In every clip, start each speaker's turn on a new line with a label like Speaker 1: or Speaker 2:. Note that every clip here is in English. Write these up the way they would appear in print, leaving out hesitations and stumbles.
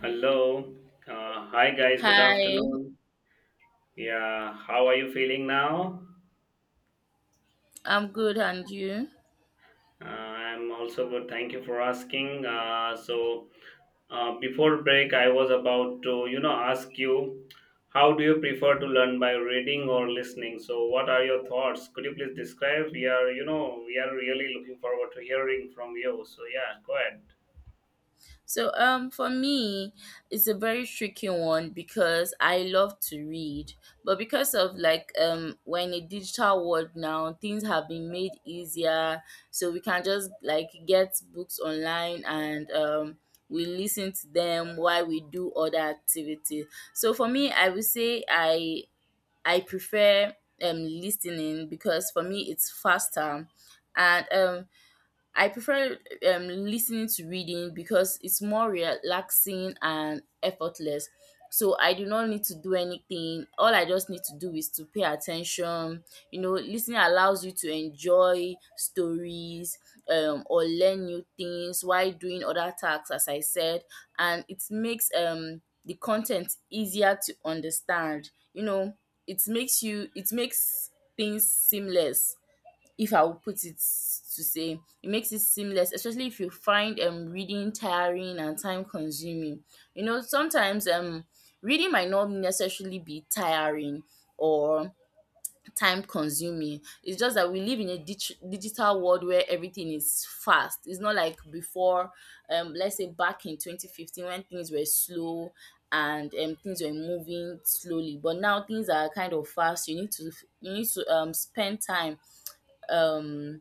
Speaker 1: Hello. Hi, guys. Good
Speaker 2: Hi,
Speaker 1: afternoon. Yeah, how are you feeling now?
Speaker 2: I'm good, and you?
Speaker 1: I'm also good. Thank you for asking. So, before break, I was about to, you know, ask you, how do you prefer to learn, by reading or listening? So, what are your thoughts? Could you please describe? We are, you know, we are really looking forward to hearing from you. So, yeah, go ahead.
Speaker 2: For me, it's a very tricky one because I love to read, but because of we're in a digital world now, things have been made easier, so we can just like get books online and we listen to them while we do other activities. So for me, I would say I prefer listening because for me it's faster, and I prefer listening to reading because it's more relaxing and effortless. So I do not need to do anything. All I just need to do is to pay attention. You know, listening allows you to enjoy stories, or learn new things while doing other tasks, as I said, and it makes, the content easier to understand. You know, it makes things seamless if I would put it to say. It makes it seamless, especially if you find reading tiring and time consuming. You know, sometimes reading might not necessarily be tiring or time consuming. It's just that we live in a digital world where everything is fast. It's not like before. Let's say back in 2015 when things were slow and things were moving slowly, but now things are kind of fast. You need to spend time, um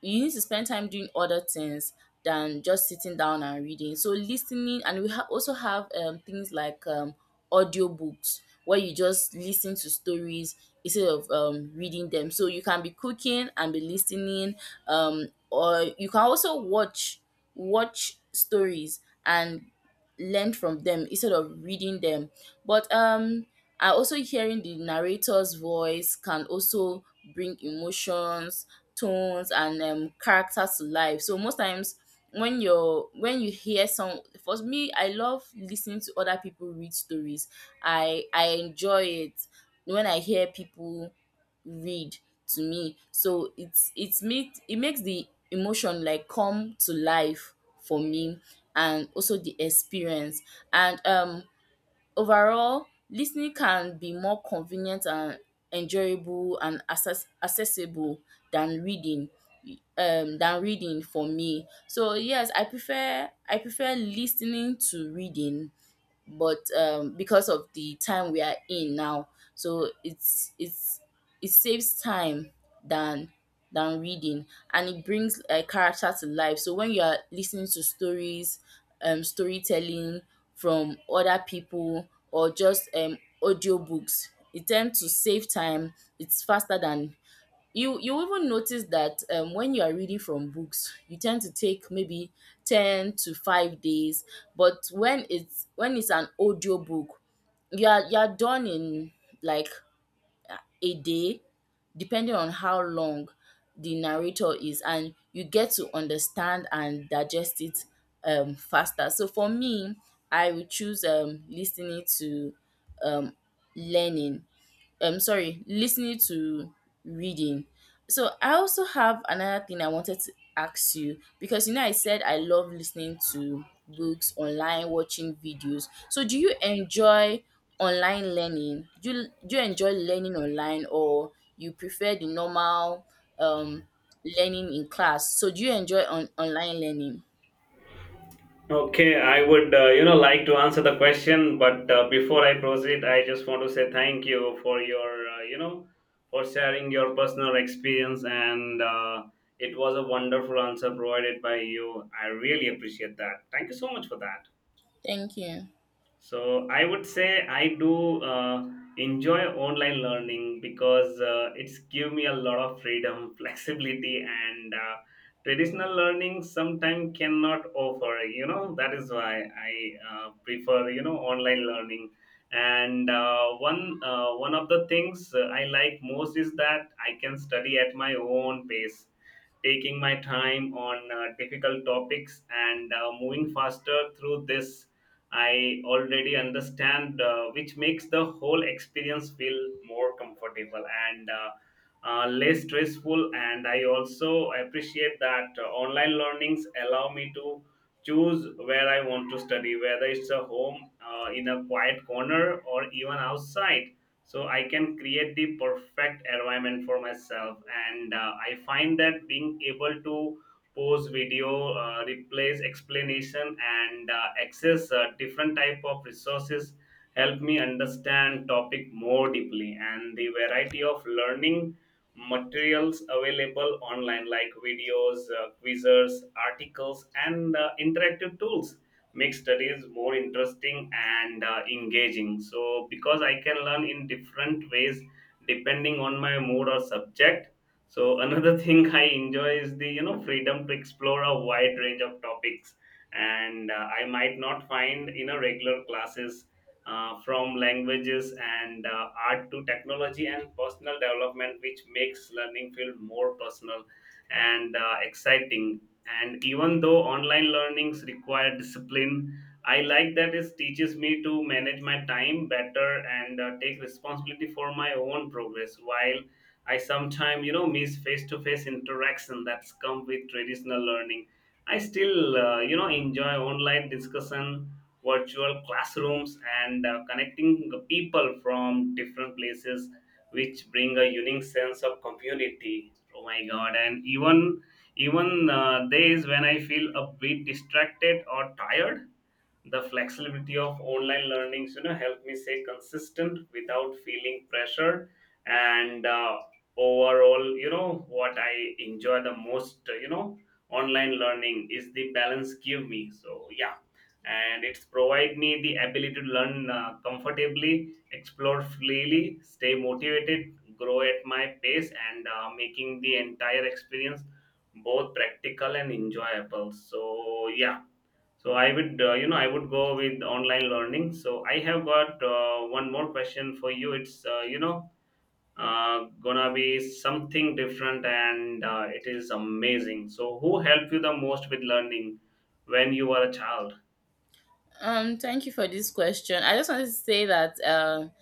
Speaker 2: you need to spend time doing other things than just sitting down and reading. So listening, and we also have, things like audiobooks where you just listen to stories instead of reading them. So you can be cooking and be listening, or you can also watch stories and learned from them instead of reading them. But um i also hearing the narrator's voice can also bring emotions, tones, and, characters to life. So most times when you're when you hear some for me, I love listening to other people read stories. I enjoy it when I hear people read to me. So it's me it makes the emotion like come to life for me, and also the experience. And Overall, listening can be more convenient and enjoyable and accessible than reading, than reading for me. So yes, I prefer listening to reading, but because of the time we are in now, so it's, it saves time than than reading, and it brings a character to life. So when you are listening to stories, storytelling from other people or just audiobooks, it tends to save time. It's faster than, you even notice that, when you are reading from books you tend to take maybe 10 to 5 days, but when it's an audio book, you are done in like a day, depending on how long the narrator is, and you get to understand and digest it faster. So for me, I would choose listening to, um learning sorry, listening to reading. So I also have another thing I wanted to ask you, because you know I said I love listening to books online, watching videos. So do you enjoy online learning? Do you enjoy learning online, or you prefer the normal um learning in class? So do you enjoy online learning?
Speaker 1: Okay, I would you know, like to answer the question, but before I proceed, I just want to say thank you for your you know, for sharing your personal experience, and it was a wonderful answer provided by you. I really appreciate that. Thank you so much for that.
Speaker 2: Thank you.
Speaker 1: So I would say I do enjoy online learning because it's give me a lot of freedom, flexibility, and traditional learning sometimes cannot offer. You know that is why I prefer, you know, online learning. And one of the things I like most is that I can study at my own pace, taking my time on difficult topics, and moving faster through this I already understand, which makes the whole experience feel more comfortable and less stressful. And I also appreciate that online learnings allow me to choose where I want to study, whether it's a home, in a quiet corner, or even outside. So I can create the perfect environment for myself. And I find that being able to pause video, replace explanation, and access different type of resources help me understand topic more deeply. And the variety of learning materials available online, like videos, quizzes, articles, and interactive tools, make studies more interesting and engaging, so because I can learn in different ways depending on my mood or subject. So another thing I enjoy is the, you know, freedom to explore a wide range of topics, and I might not find in a regular classes, from languages and art to technology and personal development, which makes learning feel more personal and exciting. And even though online learnings require discipline, I like that it teaches me to manage my time better and take responsibility for my own progress. While I sometimes, you know, miss face-to-face interaction that's come with traditional learning, I still, you know, enjoy online discussion, virtual classrooms, and connecting the people from different places, which bring a unique sense of community. Oh my God! And even even days when I feel a bit distracted or tired, the flexibility of online learnings, you know, help me stay consistent without feeling pressure. And overall, you know, what I enjoy the most you know, online learning is the balance give me. So yeah, and it's provide me the ability to learn comfortably, explore freely, stay motivated, grow at my pace, and making the entire experience both practical and enjoyable. So yeah, so I would, you know, I would go with online learning. So I have got one more question for you. It's, you know, gonna be something different, and it is amazing. So who helped you the most with learning when you were a child?
Speaker 2: Thank you for this question. I just wanted to say that,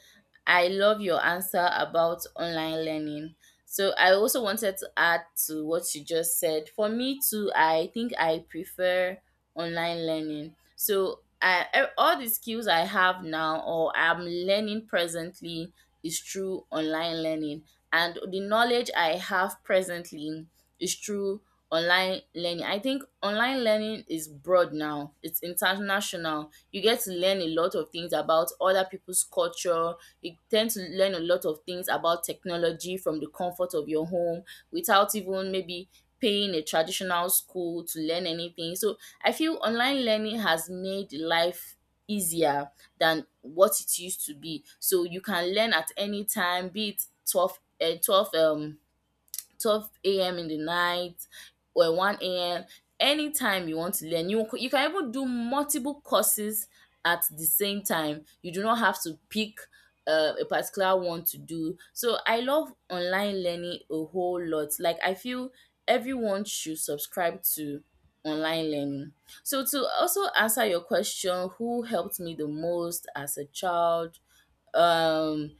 Speaker 2: I love your answer about online learning. So I also wanted to add to what you just said. For me too, I think I prefer online learning. So all the skills I have now or I'm learning presently is through online learning, and the knowledge I have presently is through online learning. I think online learning is broad now. It's international. You get to learn a lot of things about other people's culture. You tend to learn a lot of things about technology from the comfort of your home without even maybe paying a traditional school to learn anything. So I feel online learning has made life easier than what it used to be. So you can learn at any time, be it 12, 12 12 a.m. in the night or one a.m. Anytime you want to learn, you can even do multiple courses at the same time. You do not have to pick a particular one to do. So I love online learning a whole lot. Like I feel everyone should subscribe to online learning. So to also answer your question, who helped me the most as a child? um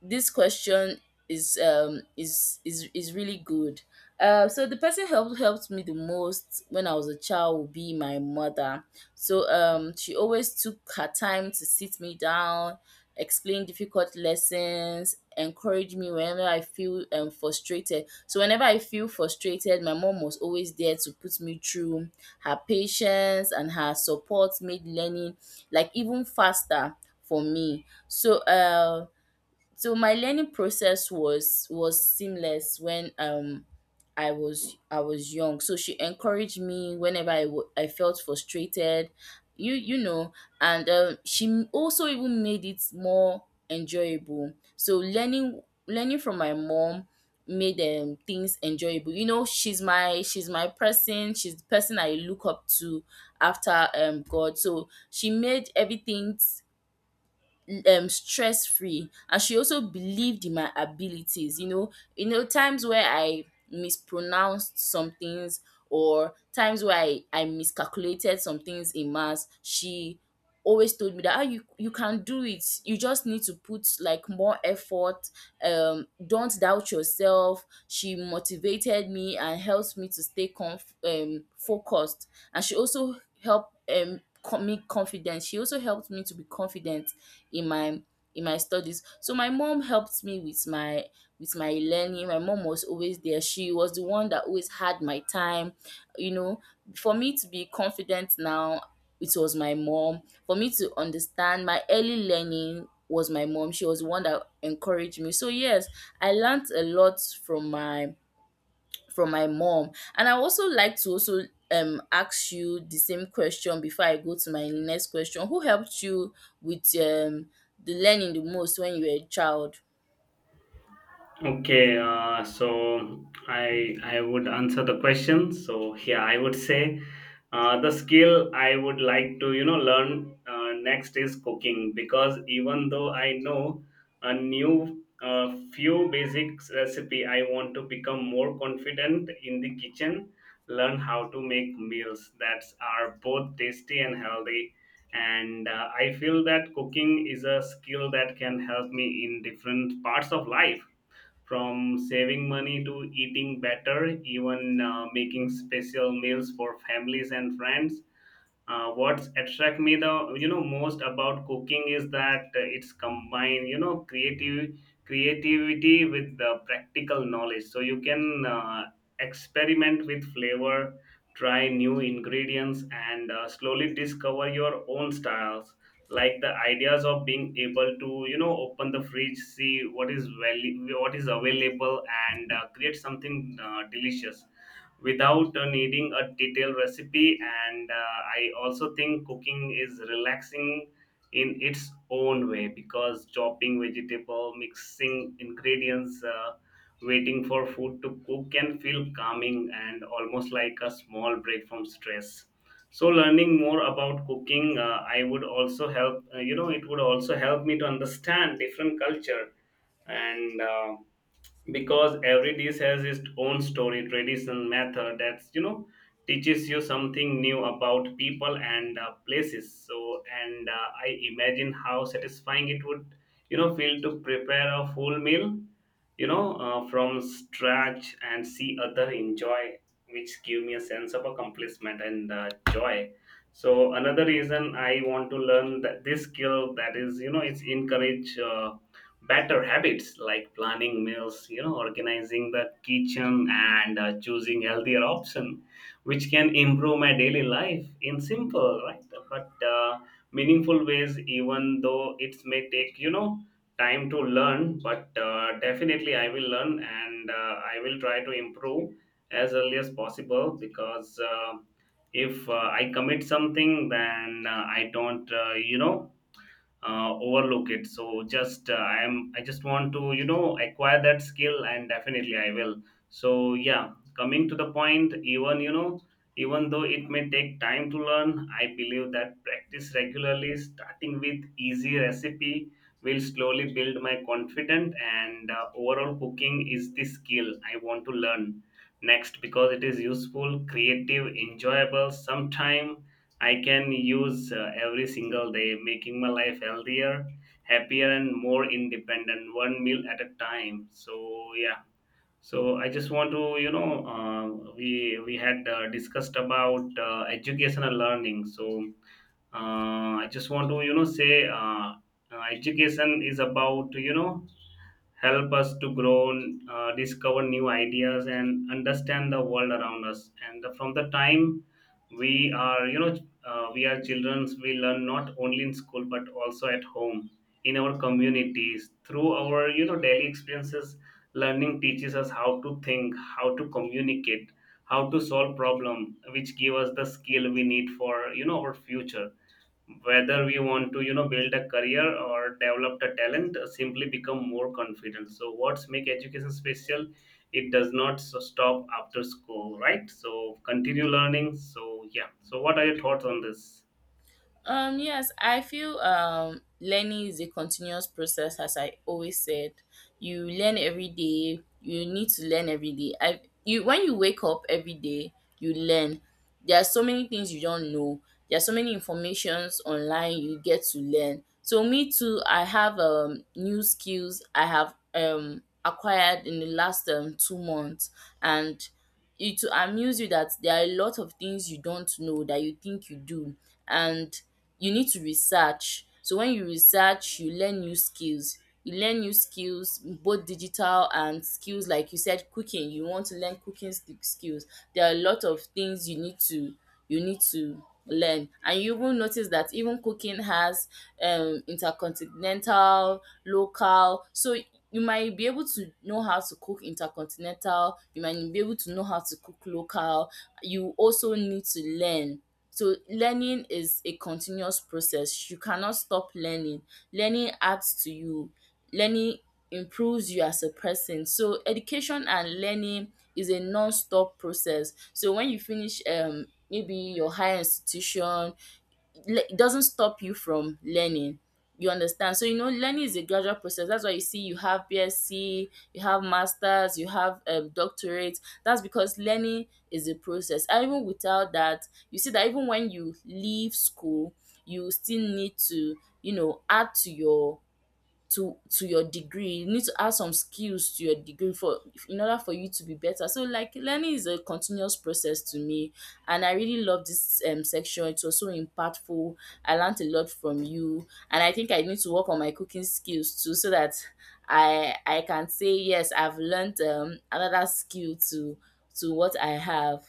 Speaker 2: this question is really good. So the person helped me the most when I was a child would be my mother. She always took her time to sit me down, explain difficult lessons, encourage me whenever I feel frustrated. So whenever I feel frustrated, my mom was always there to put me through. Her patience and her support made learning like even faster for me. So my learning process was seamless when I was young. So she encouraged me whenever I felt frustrated, you know, and she also even made it more enjoyable. So learning from my mom made, things enjoyable. You know, she's my person, she's the person I look up to after God. So she made everything stress free, and she also believed in my abilities. You know, you know times where I mispronounced some things or times where I miscalculated some things in maths, she always told me that, ah, you can do it, you just need to put like more effort. Don't doubt yourself. She motivated me and helped me to stay conf focused, and she also helped me to be confident in my in my studies. So my mom helped me with my learning. My mom was always there. She was the one that always had my time. You know, for me to be confident now, it was my mom. For me to understand my early learning was my mom. She was the one that encouraged me. So yes, I learned a lot from my mom. And I also like to also ask you the same question before I go to my next question. Who helped you with the learning the most when you were a child?
Speaker 1: Okay, so I would answer the question. So here I would say the skill I would like to, you know, learn next is cooking, because even though I know a new few basic recipe, I want to become more confident in the kitchen. Learn how to make meals that are both tasty and healthy. And I feel that cooking is a skill that can help me in different parts of life, from saving money to eating better, even making special meals for families and friends. What's attract me the, you know, most about cooking is that it's combined, you know, creative creativity with the practical knowledge, so you can experiment with flavor, try new ingredients, and slowly discover your own styles, like the ideas of being able to, you know, open the fridge, see what is value, what is available, and create something delicious without needing a detailed recipe. And I also think cooking is relaxing in its own way, because chopping vegetable, mixing ingredients, waiting for food to cook can feel calming and almost like a small break from stress. So learning more about cooking, I would also help you know, it would also help me to understand different culture, and because every dish has its own story, tradition, method, that's, you know, teaches you something new about people and places. So and I imagine how satisfying it would, you know, feel to prepare a full meal, you know, from scratch and see other enjoy, which give me a sense of accomplishment and joy. So another reason I want to learn that this skill, that is, you know, it's encourage better habits like planning meals, you know, organizing the kitchen, and choosing healthier option, which can improve my daily life in simple, right, but meaningful ways. Even though it may take, you know, time to learn, but definitely I will learn and I will try to improve as early as possible, because if I commit something, then I don't you know, overlook it. So just I just want to, you know, acquire that skill, and definitely I will. So yeah, coming to the point, even, you know, even though it may take time to learn, I believe that practice regularly, starting with easy recipe, will slowly build my confidence. And overall, cooking is the skill I want to learn next, because it is useful, creative, enjoyable sometime I can use every single day, making my life healthier, happier, and more independent, one meal at a time. So yeah. So I just want to, you know, we had discussed about education and learning. So I just want to, you know, say education is about, you know, help us to grow, discover new ideas, and understand the world around us. And from the time we are, you know, we are children, we learn not only in school but also at home, in our communities, through our, you know, daily experiences. Learning teaches us how to think, how to communicate, how to solve problem, which give us the skill we need for, you know, our future, whether we want to, you know, build a career or develop the talent, simply become more confident. So what's make education special, it does not stop after school, right? So continue learning. So yeah, so what are your thoughts on this?
Speaker 2: Yes, I feel, learning is a continuous process, as I always said. You learn every day. You need to learn every day. I you When you wake up every day, you learn. There are so many things you don't know. There are so many informations online you get to learn. So me too, I have new skills I have acquired in the last 2 months, and it will amuse you that there are a lot of things you don't know that you think you do, and you need to research. So when you research you learn new skills, you learn new skills, both digital and skills. Like you said, cooking, you want to learn cooking skills. There are a lot of things you need to learn, and you will notice that even cooking has, intercontinental, local. So you might be able to know how to cook intercontinental, you might be able to know how to cook local, you also need to learn. So learning is a continuous process. You cannot stop learning. Learning adds to you. Learning improves you as a person. So education and learning is a non-stop process. So when you finish maybe your higher institution, it doesn't stop you from learning. You understand? So you know, learning is a gradual process. That's why you see you have BSc, you have masters, you have, doctorate. That's because learning is a process. And even without that, you see that even when you leave school, you still need to, you know, add to your to your degree. You need to add some skills to your degree for in order for you to be better. So like learning is a continuous process to me, and I really love this section. It was so impactful. I learned a lot from you, and I think I need to work on my cooking skills too, so that I can say yes, I've learned another skill to what I have.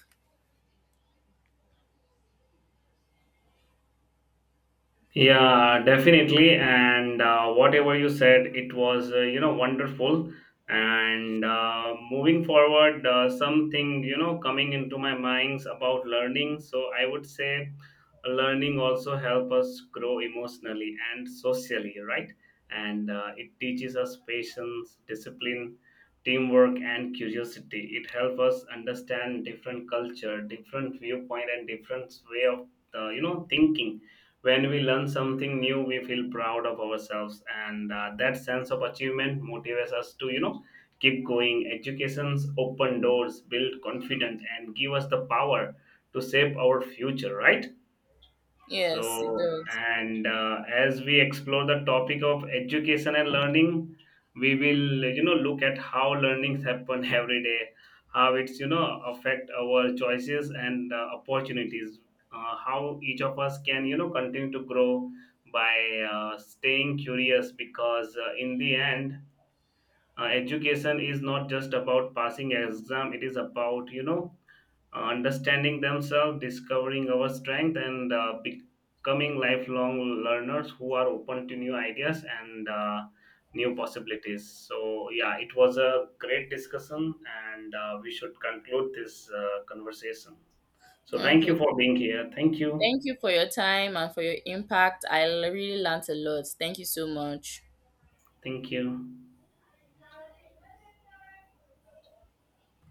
Speaker 1: Yeah, definitely. And whatever you said, it was you know, wonderful. And moving forward, something, you know, coming into my minds about learning. So I would say, learning also help us grow emotionally and socially, right? And it teaches us patience, discipline, teamwork, and curiosity. It helps us understand different culture, different viewpoint, and different way of you know, thinking. When we learn something new, we feel proud of ourselves, and that sense of achievement motivates us to, you know, keep going. Education's open doors, build confidence, and give us the power to shape our future. Right?
Speaker 2: Yes, it
Speaker 1: So,
Speaker 2: does.
Speaker 1: and as we explore the topic of education and learning, we will, you know, look at how learnings happen every day, how it's, you know, affect our choices and opportunities, how each of us can, you know, continue to grow by staying curious. Because in the end, education is not just about passing exam, it is about, you know, understanding themselves, discovering our strength, and becoming lifelong learners who are open to new ideas and new possibilities. So, yeah, it was a great discussion, and we should conclude this conversation. So, thank
Speaker 2: Okay,
Speaker 1: you for being here. Thank you.
Speaker 2: thank you for your time and for your impact. I really learned a lot. Thank you so much.
Speaker 1: Thank you.